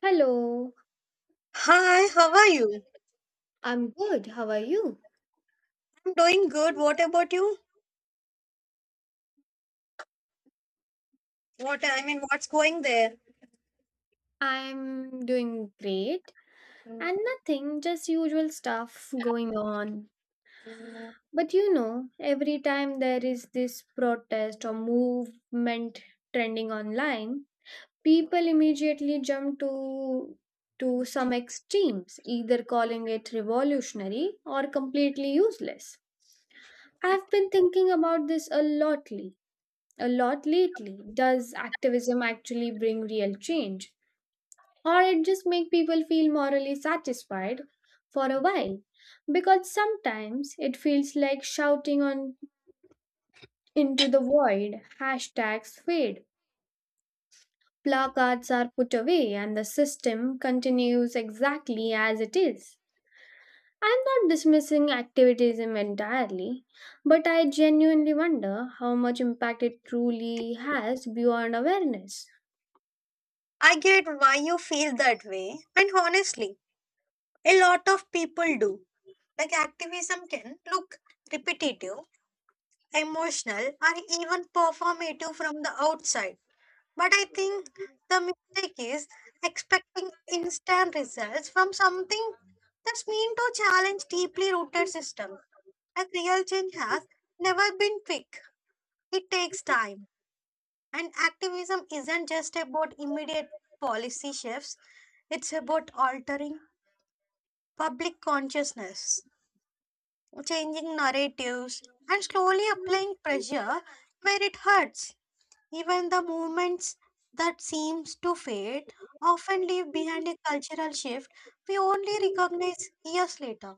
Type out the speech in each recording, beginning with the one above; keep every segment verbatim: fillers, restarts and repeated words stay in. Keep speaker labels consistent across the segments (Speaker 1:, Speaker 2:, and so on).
Speaker 1: Hello.
Speaker 2: Hi, how are you?
Speaker 1: I'm good. How are you?
Speaker 2: I'm doing good. What about you? What I mean, what's going there?
Speaker 1: I'm doing great and nothing, just usual stuff going on. But you know, every time there is this protest or movement trending online, people immediately jump to to some extremes, either calling it revolutionary or completely useless. I've been thinking about this a lot a lot lately. Does activism actually bring real change? Or it just make people feel morally satisfied for a while? Because sometimes it feels like shouting on into the void, hashtags fade, placards are put away, and the system continues exactly as it is. I'm not dismissing activism entirely, but I genuinely wonder how much impact it truly has beyond awareness.
Speaker 2: I get why you feel that way, and honestly, a lot of people do. Like activism can look repetitive, emotional, or even performative from the outside. But I think the mistake is expecting instant results from something that's meant to challenge deeply rooted systems. Like real change has never been quick. It takes time. And activism isn't just about immediate policy shifts, it's about altering public consciousness, changing narratives, and slowly applying pressure where it hurts. Even the movements that seems to fade often leave behind a cultural shift we only recognize years later.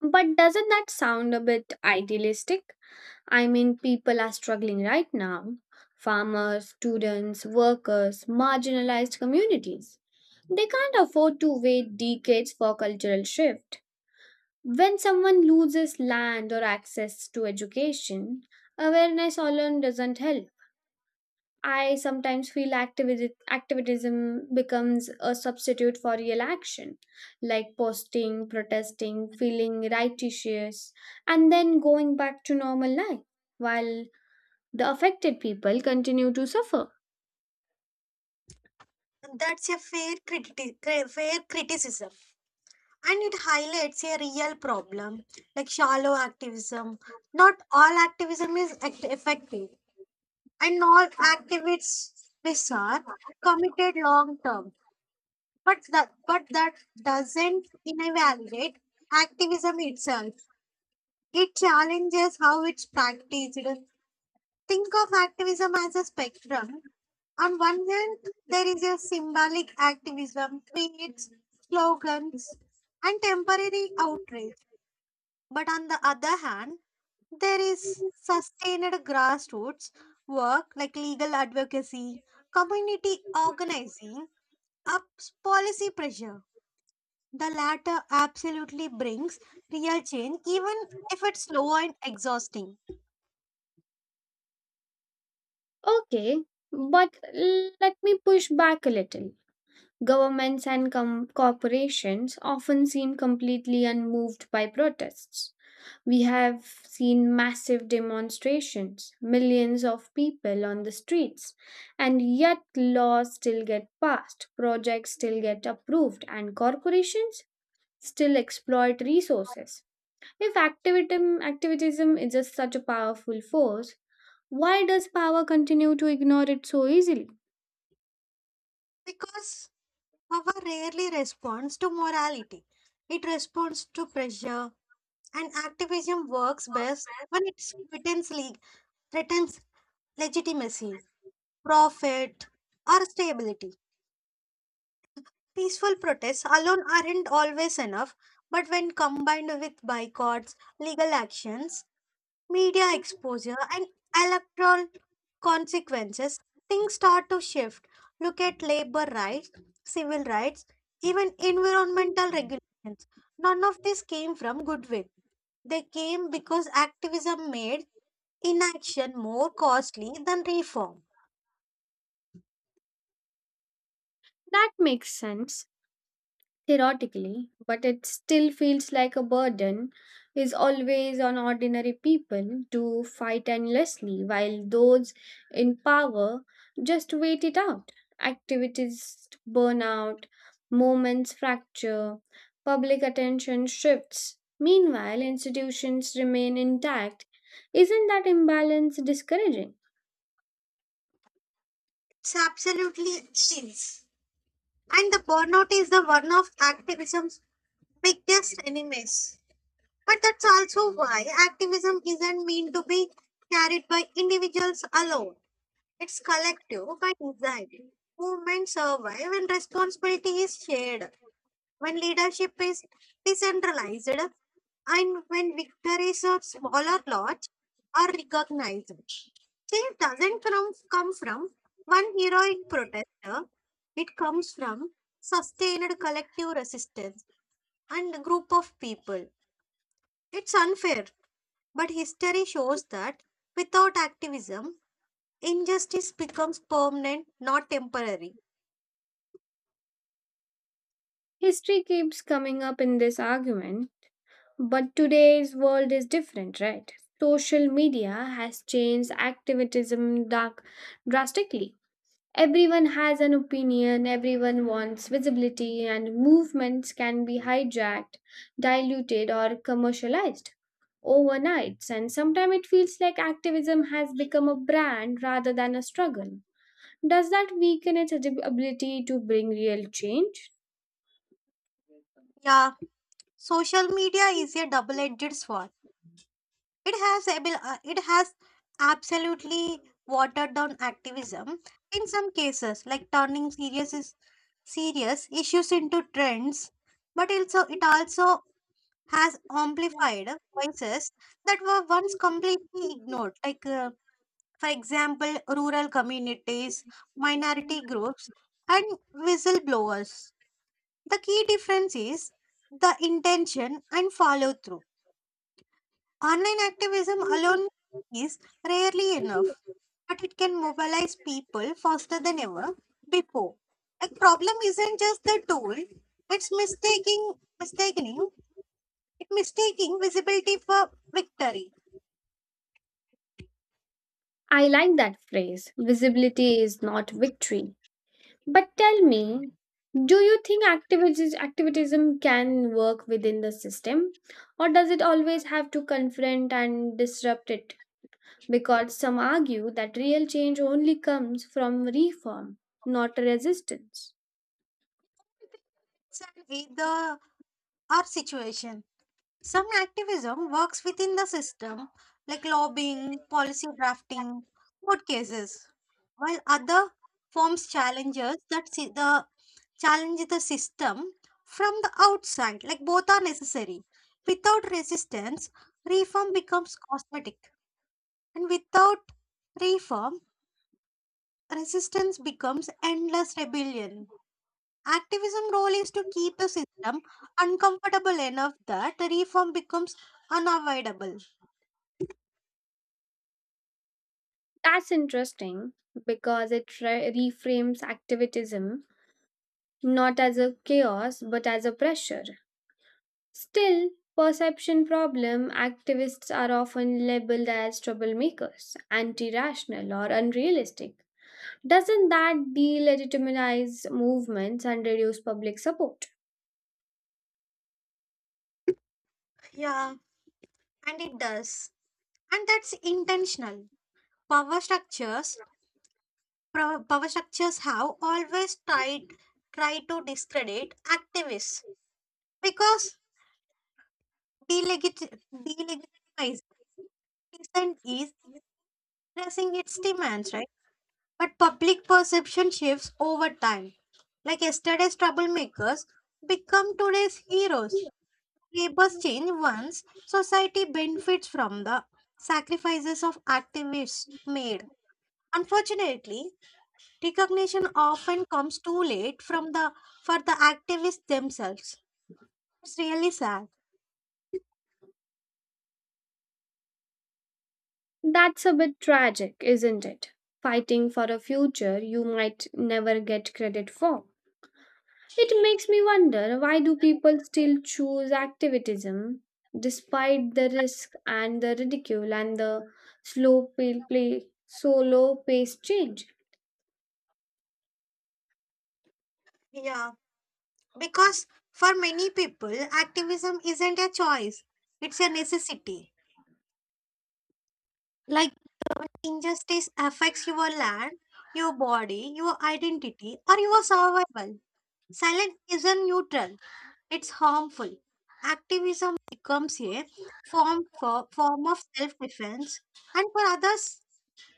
Speaker 1: But doesn't that sound a bit idealistic? I mean, people are struggling right now, farmers, students, workers, marginalized communities. They can't afford to wait decades for cultural shift. When someone loses land or access to education, awareness alone doesn't help. I sometimes feel activi- activism becomes a substitute for real action, like posting, protesting, feeling righteous, and then going back to normal life, while the affected people continue to suffer.
Speaker 2: That's a fair, criti- cri- fair criticism. And it highlights a real problem like shallow activism. Not all activism is act- effective, and all activists are committed long term. But that, but that doesn't invalidate activism itself. It challenges how it's practiced. Think of activism as a spectrum. On one hand, there is a symbolic activism, tweets, slogans, and temporary outrage. But on the other hand, there is sustained grassroots work like legal advocacy, community organizing, up policy pressure. The latter absolutely brings real change, even if it's slow and exhausting,
Speaker 1: Okay, but l- let me push back a little. Governments and com- corporations often seem completely unmoved by protests. We have seen massive demonstrations, millions of people on the streets, and yet laws still get passed, projects still get approved, and corporations still exploit resources. If activism, activism is just such a powerful force, why does power continue to ignore it so easily?
Speaker 2: because power rarely responds to morality. It responds to pressure, and activism works best when it threatens, le- threatens legitimacy, profit, or stability. Peaceful protests alone aren't always enough, but when combined with boycotts, legal actions, media exposure, and electoral consequences, things start to shift. Look at labor rights, civil rights, even environmental regulations. None of this came from goodwill. They came because activism made inaction more costly than reform.
Speaker 1: That makes sense theoretically, but it still feels like a burden is always on ordinary people to fight endlessly, while those in power just wait it out. Activities burn out, moments fracture, public attention shifts. Meanwhile, institutions remain intact. Isn't that imbalance discouraging?
Speaker 2: It's absolutely insane. And the burnout is the one of activism's biggest enemies. But that's also why activism isn't meant to be carried by individuals alone. It's collective by design. Movements survive when responsibility is shared, when leadership is decentralized, and when victories of smaller lots are recognized, change doesn't from, come from one heroic protester. It comes from sustained collective resistance and a group of people. It's unfair, but history shows that without activism, injustice becomes permanent, not temporary.
Speaker 1: History keeps coming up in this argument. But today's world is different, right? Social media has changed activism dark drastically. Everyone has an opinion, everyone wants visibility, and movements can be hijacked, diluted, or commercialized overnight. And sometimes it feels like activism has become a brand rather than a struggle. Does that weaken its ab- ability to bring real change?
Speaker 2: Yeah, social media is a double edged sword. It has abil- uh, it has absolutely watered down activism in some cases, like turning serious is serious issues into trends. But also, it also has amplified voices that were once completely ignored, like uh, for example, rural communities, minority groups, and whistleblowers. The key difference is the intention and follow through. Online activism alone is rarely enough, but it can mobilize people faster than ever before. The problem isn't just the tool, it's mistaking mistaking it mistaking visibility for victory.
Speaker 1: I like that phrase. Visibility is not victory. But tell me, do you think activism, activism can work within the system? Or does it always have to confront and disrupt it? Because some argue that real change only comes from reform, not resistance.
Speaker 2: It's an either or situation. Some activism works within the system, like lobbying, policy drafting, court cases, while other forms challenges that see the challenge the system from the outside, like both are necessary. Without resistance, reform becomes cosmetic, and without reform, resistance becomes endless rebellion. Activism role is to keep the system uncomfortable enough that reform becomes unavoidable.
Speaker 1: That's interesting because it re- reframes activism not as a chaos but as a pressure. Still, perception problem, activists are often labeled as troublemakers, anti-rational or unrealistic. Doesn't that delegitimize movements and reduce public support?
Speaker 2: Yeah, and it does. And that's intentional. Power structures pro- Power structures have always tried try to discredit activists. Because delegit- delegitimizing dissent is expressing its demands, right? But public perception shifts over time. Like yesterday's troublemakers become today's heroes. Labors change once society benefits from the sacrifices of activists made. Unfortunately, recognition often comes too late from the for the activists themselves. It's really sad.
Speaker 1: That's a bit tragic, isn't it? Fighting for a future you might never get credit for. It makes me wonder why do people still choose activism despite the risk and the ridicule and the slow pay, play, so low pace change?
Speaker 2: Yeah. Because for many people, activism isn't a choice, it's a necessity. Like injustice affects your land, your body, your identity, or your survival. Silence isn't neutral, it's harmful. Activism becomes a form, for, form of self defense, and for others,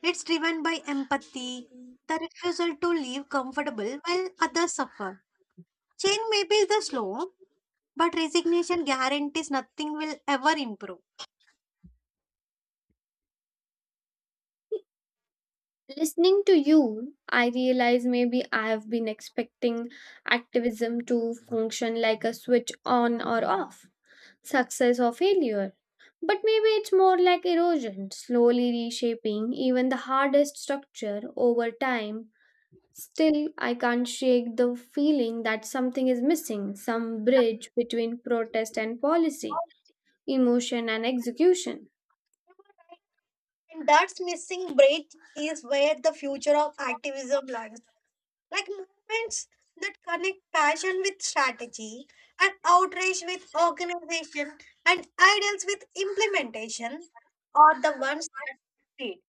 Speaker 2: it's driven by empathy, the refusal to live comfortable while others suffer. Change may be the slow, but resignation guarantees nothing will ever improve.
Speaker 1: Listening to you, I realize maybe I have been expecting activism to function like a switch on or off, success or failure. But maybe it's more like erosion, slowly reshaping even the hardest structure over time. Still, I can't shake the feeling that something is missing, some bridge between protest and policy, emotion and execution.
Speaker 2: And that's missing bridge is where the future of activism lies. Like movements that connect passion with strategy and outrage with organization and ideals with implementation are the ones that create.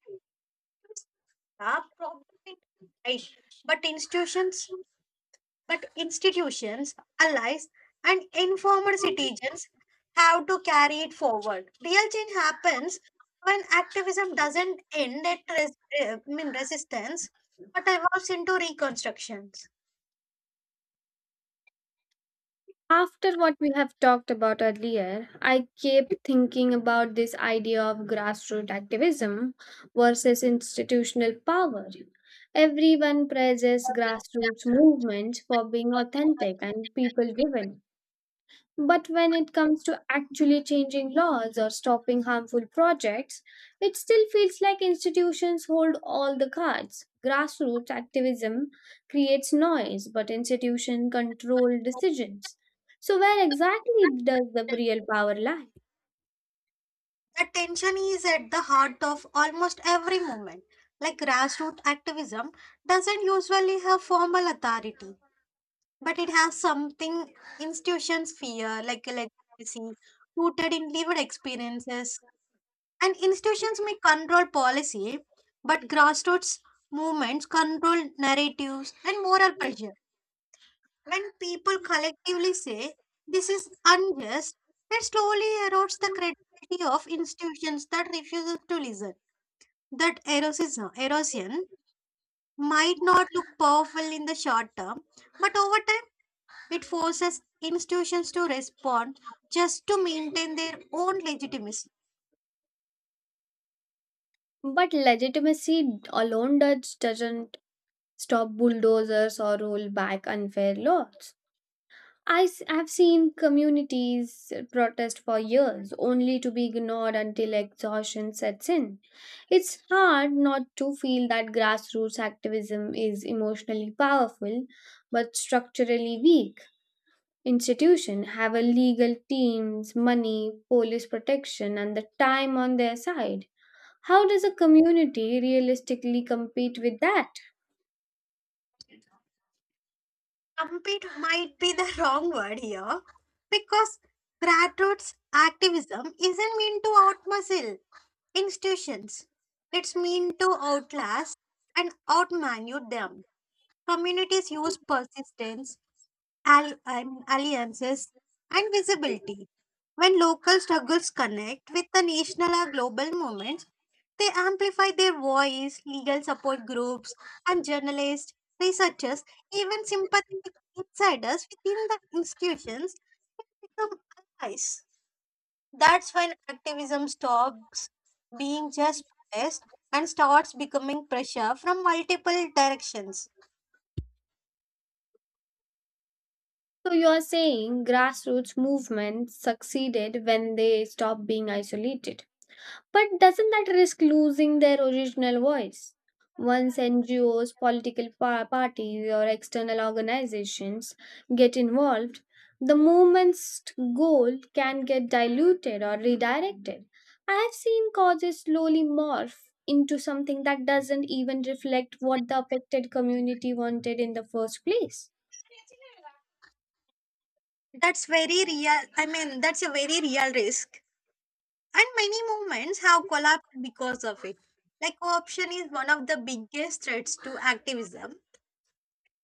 Speaker 2: It's a problem, right? But institutions But institutions, allies, and informal citizens have to carry it forward. Real change happens when activism doesn't end at res- I mean resistance, but evolves into reconstructions.
Speaker 1: After what we have talked about earlier, I kept thinking about this idea of grassroots activism versus institutional power. Everyone praises grassroots movements for being authentic and people driven, but when it comes to actually changing laws or stopping harmful projects, it still feels like institutions hold all the cards. Grassroots activism creates noise, but institutions control decisions. So, where exactly does the real power lie?
Speaker 2: That tension is at the heart of almost every movement. Like grassroots activism doesn't usually have formal authority, but it has something institutions fear, like a legacy rooted in lived experiences. And institutions may control policy, but grassroots movements control narratives and moral pressure. When people collectively say this is unjust, it slowly erodes the credibility of institutions that refuse to listen. That erosion, erosion might not look powerful in the short term, but over time it forces institutions to respond just to maintain their own legitimacy.
Speaker 1: But legitimacy alone does, doesn't stop bulldozers or roll back unfair laws. I have seen communities protest for years only to be ignored until exhaustion sets in. It's hard not to feel that grassroots activism is emotionally powerful but structurally weak. Institutions have a legal teams, money, police protection, and the time on their side. How does a community realistically compete with that?
Speaker 2: Compete might be the wrong word here because grassroots activism isn't meant to outmuscle institutions. It's meant to outlast and outmaneuver them. Communities use persistence, al- um, alliances, and visibility. When local struggles connect with the national or global movement, they amplify their voice, legal support groups, and journalists, researchers, even sympathetic insiders within the institutions become allies. That's when activism stops being just protest and starts becoming pressure from multiple directions.
Speaker 1: So you are saying grassroots movements succeeded when they stopped being isolated. But doesn't that risk losing their original voice? Once N G Os, political pa- parties, or external organizations get involved, the movement's goal can get diluted or redirected. I have seen causes slowly morph into something that doesn't even reflect what the affected community wanted in the first place.
Speaker 2: That's very real. I mean, that's a very real risk. And many movements have collapsed because of it. Like, corruption is one of the biggest threats to activism.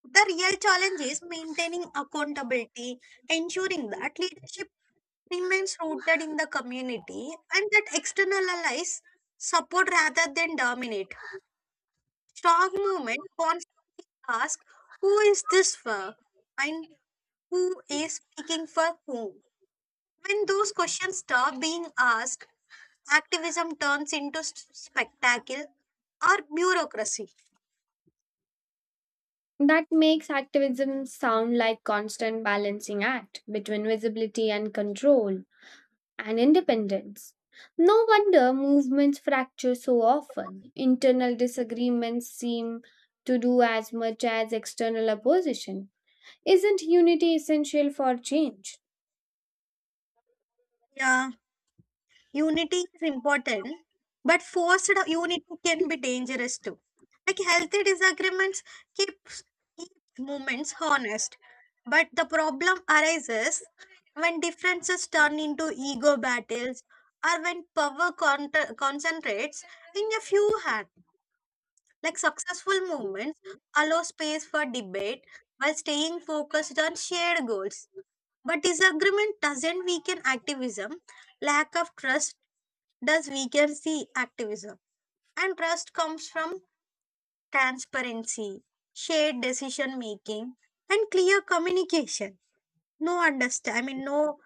Speaker 2: The real challenge is maintaining accountability, ensuring that leadership remains rooted in the community and that external allies support rather than dominate. Strong movement wants to ask who is this for and who is speaking for whom. When those questions stop being asked, activism turns into s- spectacle or bureaucracy.
Speaker 1: That makes activism sound like constant balancing act between visibility and control and independence. No wonder movements fracture so often. Internal disagreements seem to do as much as external opposition. Isn't unity essential for change?
Speaker 2: Yeah. Unity is important, but forced unity can be dangerous too. Like healthy disagreements keeps keeps movements honest, but the problem arises when differences turn into ego battles or when power contra- concentrates in a few hands. Like successful movements allow space for debate while staying focused on shared goals. But disagreement doesn't weaken activism. Lack of trust. Thus, we can see activism. And trust comes from transparency, shared decision making, and clear communication. No understand, I mean, no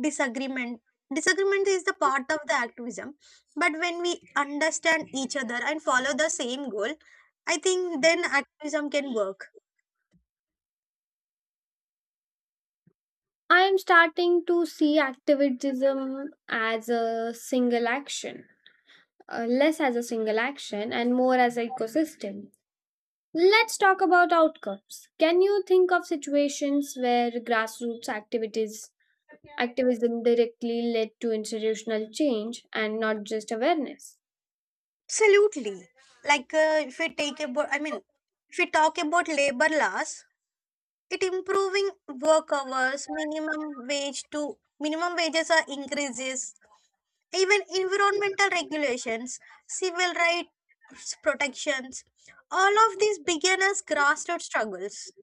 Speaker 2: disagreement. Disagreement is the part of the activism. But when we understand each other and follow the same goal, I think then activism can work.
Speaker 1: I am starting to see activism as a single action, uh, less as a single action and more as an ecosystem. Let's talk about outcomes. Can you think of situations where grassroots activities activism directly led to institutional change and not just awareness?
Speaker 2: Absolutely. Like uh, if we take about, I mean, if we talk about labor laws, it improving work hours, minimum wage to minimum wages are increases, even environmental regulations, civil rights protections. All of these begin as grassroots struggles.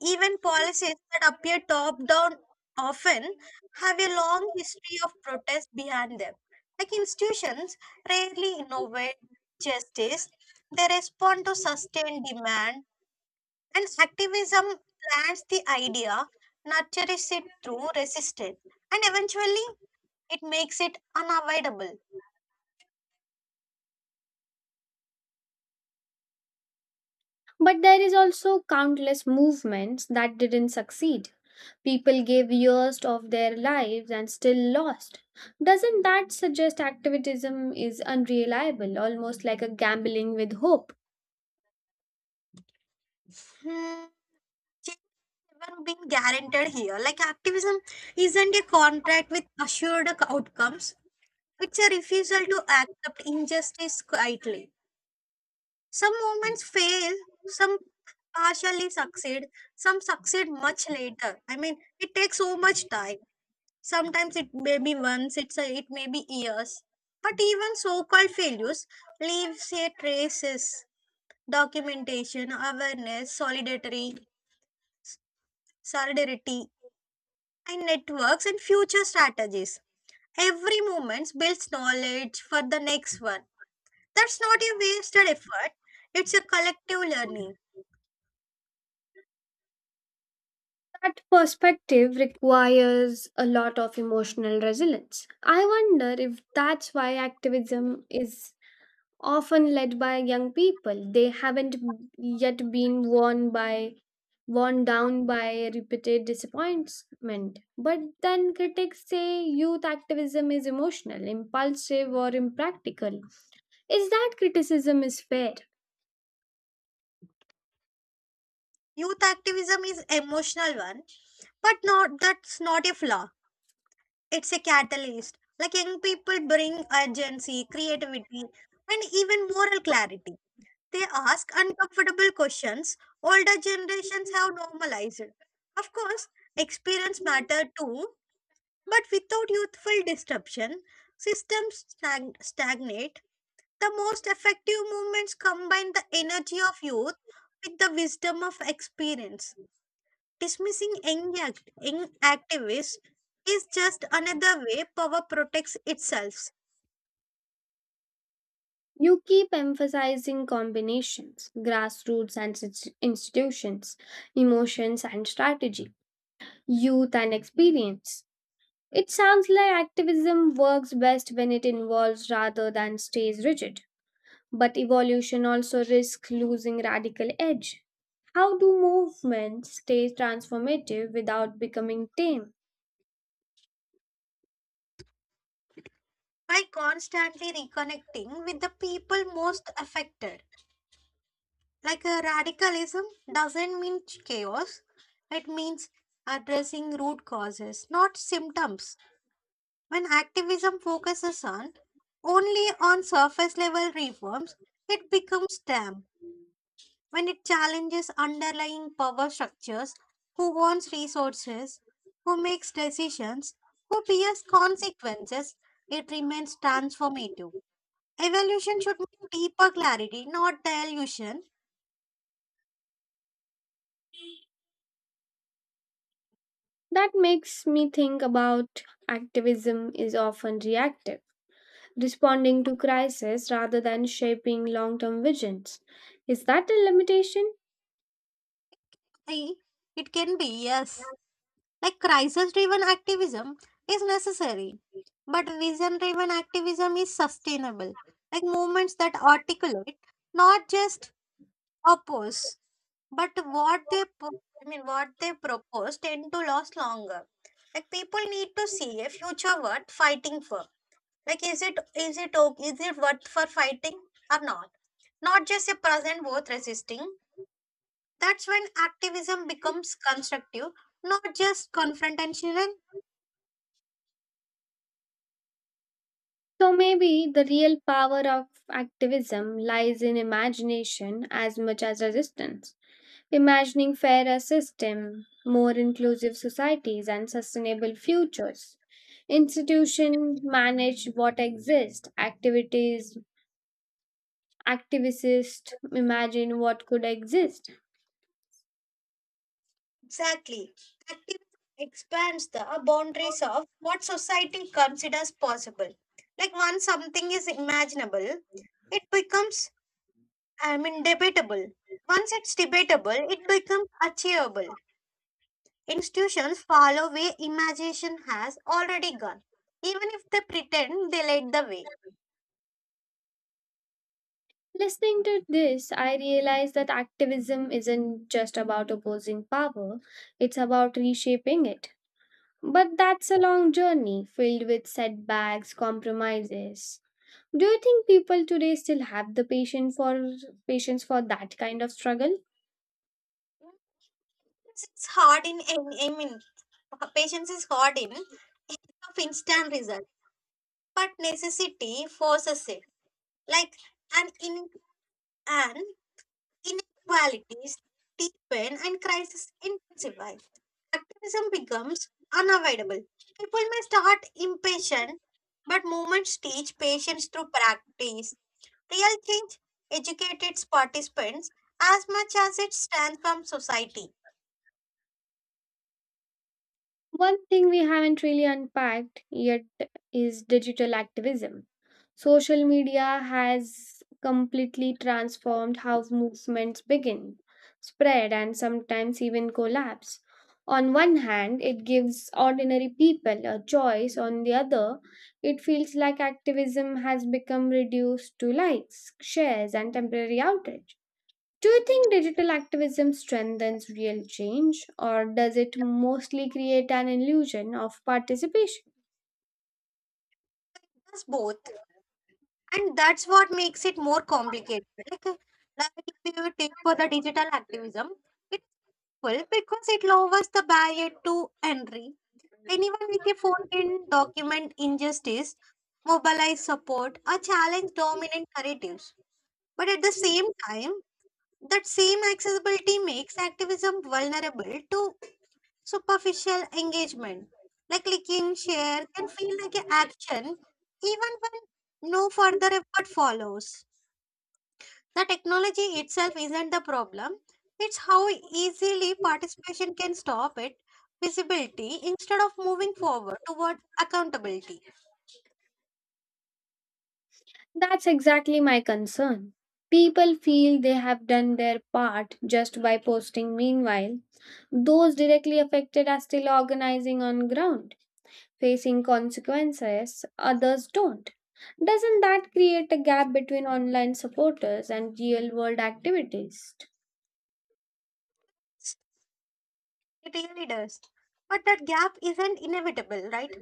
Speaker 2: Even policies that appear top down often have a long history of protest behind them. Like institutions rarely innovate justice, they respond to sustained demand and activism plants the idea, nurtures it through resistance, and eventually it makes it unavoidable.
Speaker 1: But there is also countless movements that didn't succeed. People gave years of their lives and still lost. Doesn't that suggest activism is unreliable, almost like a gambling with hope?
Speaker 2: Hmm. Change never been guaranteed here. Like activism isn't a contract with assured outcomes. It's a refusal to accept injustice quietly. Some movements fail, some partially succeed, some succeed much later. I mean, it takes so much time. Sometimes it may be months, it's a, it may be years. But even so called failures leave a traces, documentation, awareness, solidarity, solidarity, and networks and future strategies. Every moment builds knowledge for the next one. That's not a wasted effort, it's a collective learning.
Speaker 1: That perspective requires a lot of emotional resilience. I wonder if that's why activism is often led by young people. They haven't yet been worn by worn down by repeated disappointment. But then critics say youth activism is emotional, impulsive or impractical. Is that criticism is fair?
Speaker 2: Youth activism is emotional one, but not that's not a flaw. It's a catalyst. Like young people bring urgency, creativity, and even moral clarity. They ask uncomfortable questions older generations have normalized. Of course, experience matter too, but without youthful disruption, systems stag- stagnate. The most effective movements combine the energy of youth with the wisdom of experience. Dismissing young act- young activists is just another way power protects itself
Speaker 1: You keep emphasizing combinations, grassroots and ins- institutions, emotions and strategy, youth and experience. It sounds like activism works best when it involves rather than stays rigid. But evolution also risks losing radical edge. How do movements stay transformative without becoming tame?
Speaker 2: by constantly reconnecting with the people most affected. Like uh, radicalism doesn't mean chaos, it means addressing root causes, not symptoms. When activism focuses on only on surface level reforms, it becomes damaged. When it challenges underlying power structures, who owns resources, who makes decisions, who bears consequences, it remains transformative. Evolution should mean deeper clarity, not dilution.
Speaker 1: That makes me think about activism is often reactive, responding to crisis rather than shaping long term visions. Is that a limitation?
Speaker 2: Eh, it can be, yes. Like crisis driven activism is necessary, but vision driven activism is sustainable. Like movements that articulate, not just oppose. But what they, pro- I mean, what they propose tend to last longer. Like people need to see a future worth fighting for. Like, is it is it o- is it worth for fighting or not? Not just a present worth resisting. That's when activism becomes constructive, not just confrontational.
Speaker 1: So maybe the real power of activism lies in imagination as much as resistance. Imagining fairer system, more inclusive societies and sustainable futures. Institution manage what exists, activities activists imagine what could exist.
Speaker 2: Exactly, activism expands the boundaries of what society considers possible. Like once something is imaginable, it becomes I mean, debatable. Once it's debatable, it becomes achievable. Institutions follow where imagination has already gone, even if they pretend they led the way.
Speaker 1: Listening to this, I realize that activism isn't just about opposing power, it's about reshaping it. But that's a long journey filled with setbacks, compromises. Do you think people today still have the patience for patience for that kind of struggle?
Speaker 2: It's hard in, I mean, Patience is hard in of instant result, but necessity forces it. Like an in an inequalities deepen and crisis intensify. Activism becomes unavoidable. People may start impatient, but movements teach patience through practice. Real change educates its participants as much as it transforms society.
Speaker 1: One thing we haven't really unpacked yet is digital activism. Social media has completely transformed how movements begin, spread, and sometimes even collapse. On one hand, it gives ordinary people a choice, on the other, it feels like activism has become reduced to likes, shares, and temporary outrage. Do you think digital activism strengthens real change, or does it mostly create an illusion of participation?
Speaker 2: Does both, and that's what makes it more complicated. Like, uh, like if you take for the digital activism, it's full because it lowers the barrier to entry. Anyone with a phone can document injustice, mobilize support or challenge dominant narratives. But at the same time, that same accessibility makes activism vulnerable to superficial engagement. Like clicking share can feel like an action even when no further effort follows. The technology itself isn't the problem, it's how easily participation can stop it visibility instead of moving forward toward accountability.
Speaker 1: That's exactly my concern. People feel they have done their part just by posting. Meanwhile, those directly affected are still organizing on ground, facing consequences others don't. Doesn't that create a gap between online supporters and real world activities?
Speaker 2: It really does. But that gap isn't inevitable, right?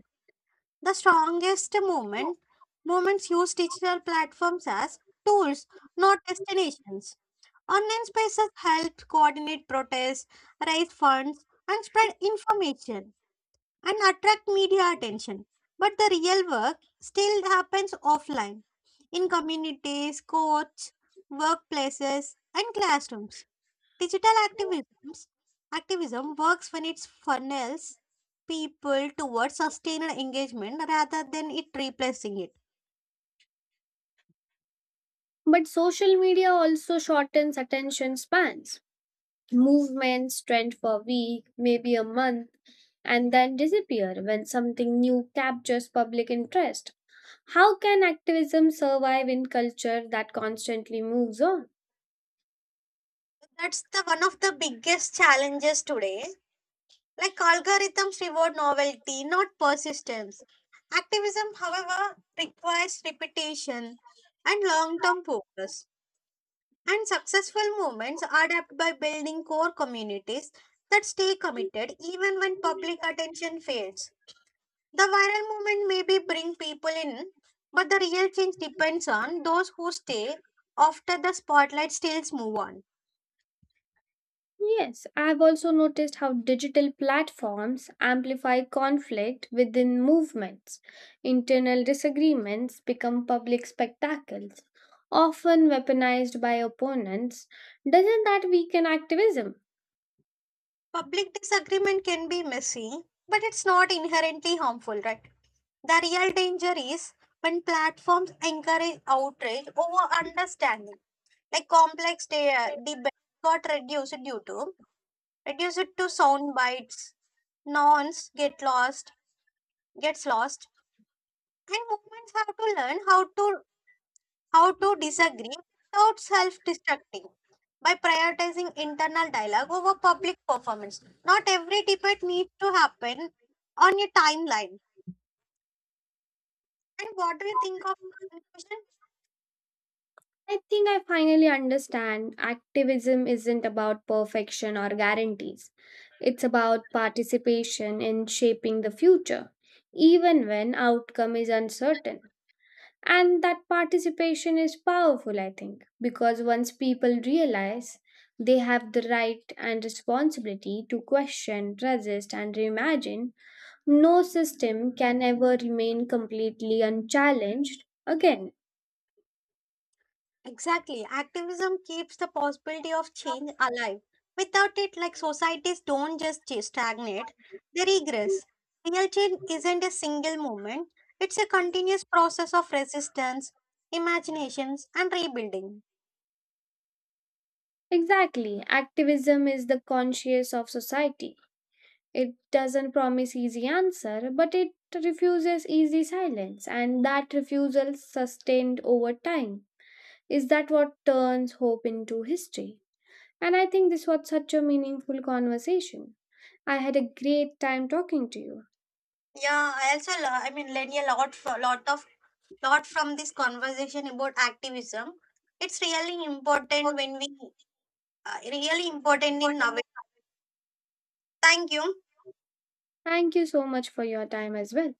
Speaker 2: The strongest movement moments use digital platforms as tools, not destinations. Online spaces help coordinate protests, raise funds, and spread information and attract media attention. But the real work still happens offline in communities, courts, workplaces, and classrooms. Digital activisms, activism works when it funnels people towards sustained engagement rather than it replacing it.
Speaker 1: But social media also shortens attention spans. Movements trend for a week, maybe a month, and then disappear when something new captures public interest. How can activism survive in culture that constantly moves on?
Speaker 2: That's the one of the biggest challenges today. Like algorithms reward novelty, not persistence. Activism, however, requires repetition and long-term focus. And successful movements are adapted by building core communities that stay committed even when public attention fades. The viral movement maybe bring people in, but the real change depends on those who stay after the spotlight stills move on.
Speaker 1: Yes, I've also noticed how digital platforms amplify conflict within movements. Internal disagreements become public spectacles, often weaponized by opponents. Doesn't that weaken activism?
Speaker 2: Public disagreement can be messy, but it's not inherently harmful, right? The real danger is when platforms encourage outrage over understanding, like complex de- debate got reduced due to reduced to sound bites, nonce get lost, gets lost, and movements have to learn how to How to disagree without self destructing by prioritizing internal dialogue over public performance. Not every debate needs to happen on a timeline. And what do you think of the conclusion?
Speaker 1: I think I finally understand activism isn't about perfection or guarantees. It's about participation in shaping the future, even when outcome is uncertain. And that participation is powerful, I think, because once people realize they have the right and responsibility to question, resist, and reimagine, no system can ever remain completely unchallenged again.
Speaker 2: Exactly. Activism keeps the possibility of change alive. Without it, like societies don't just ch- stagnate, they regress. Real change isn't a single moment, it's a continuous process of resistance, imaginations, and rebuilding.
Speaker 1: Exactly. Activism is the conscience of society. It doesn't promise easy answer, but it refuses easy silence, and that refusal sustained over time is that what turns hope into history. And I think this was such a meaningful conversation. I had a great time talking to you.
Speaker 2: Yeah, I also lo- I mean learned a lot for lot of lot from this conversation about activism. It's really important when we uh, really important in now. Thank you.
Speaker 1: Thank you so much for your time as well.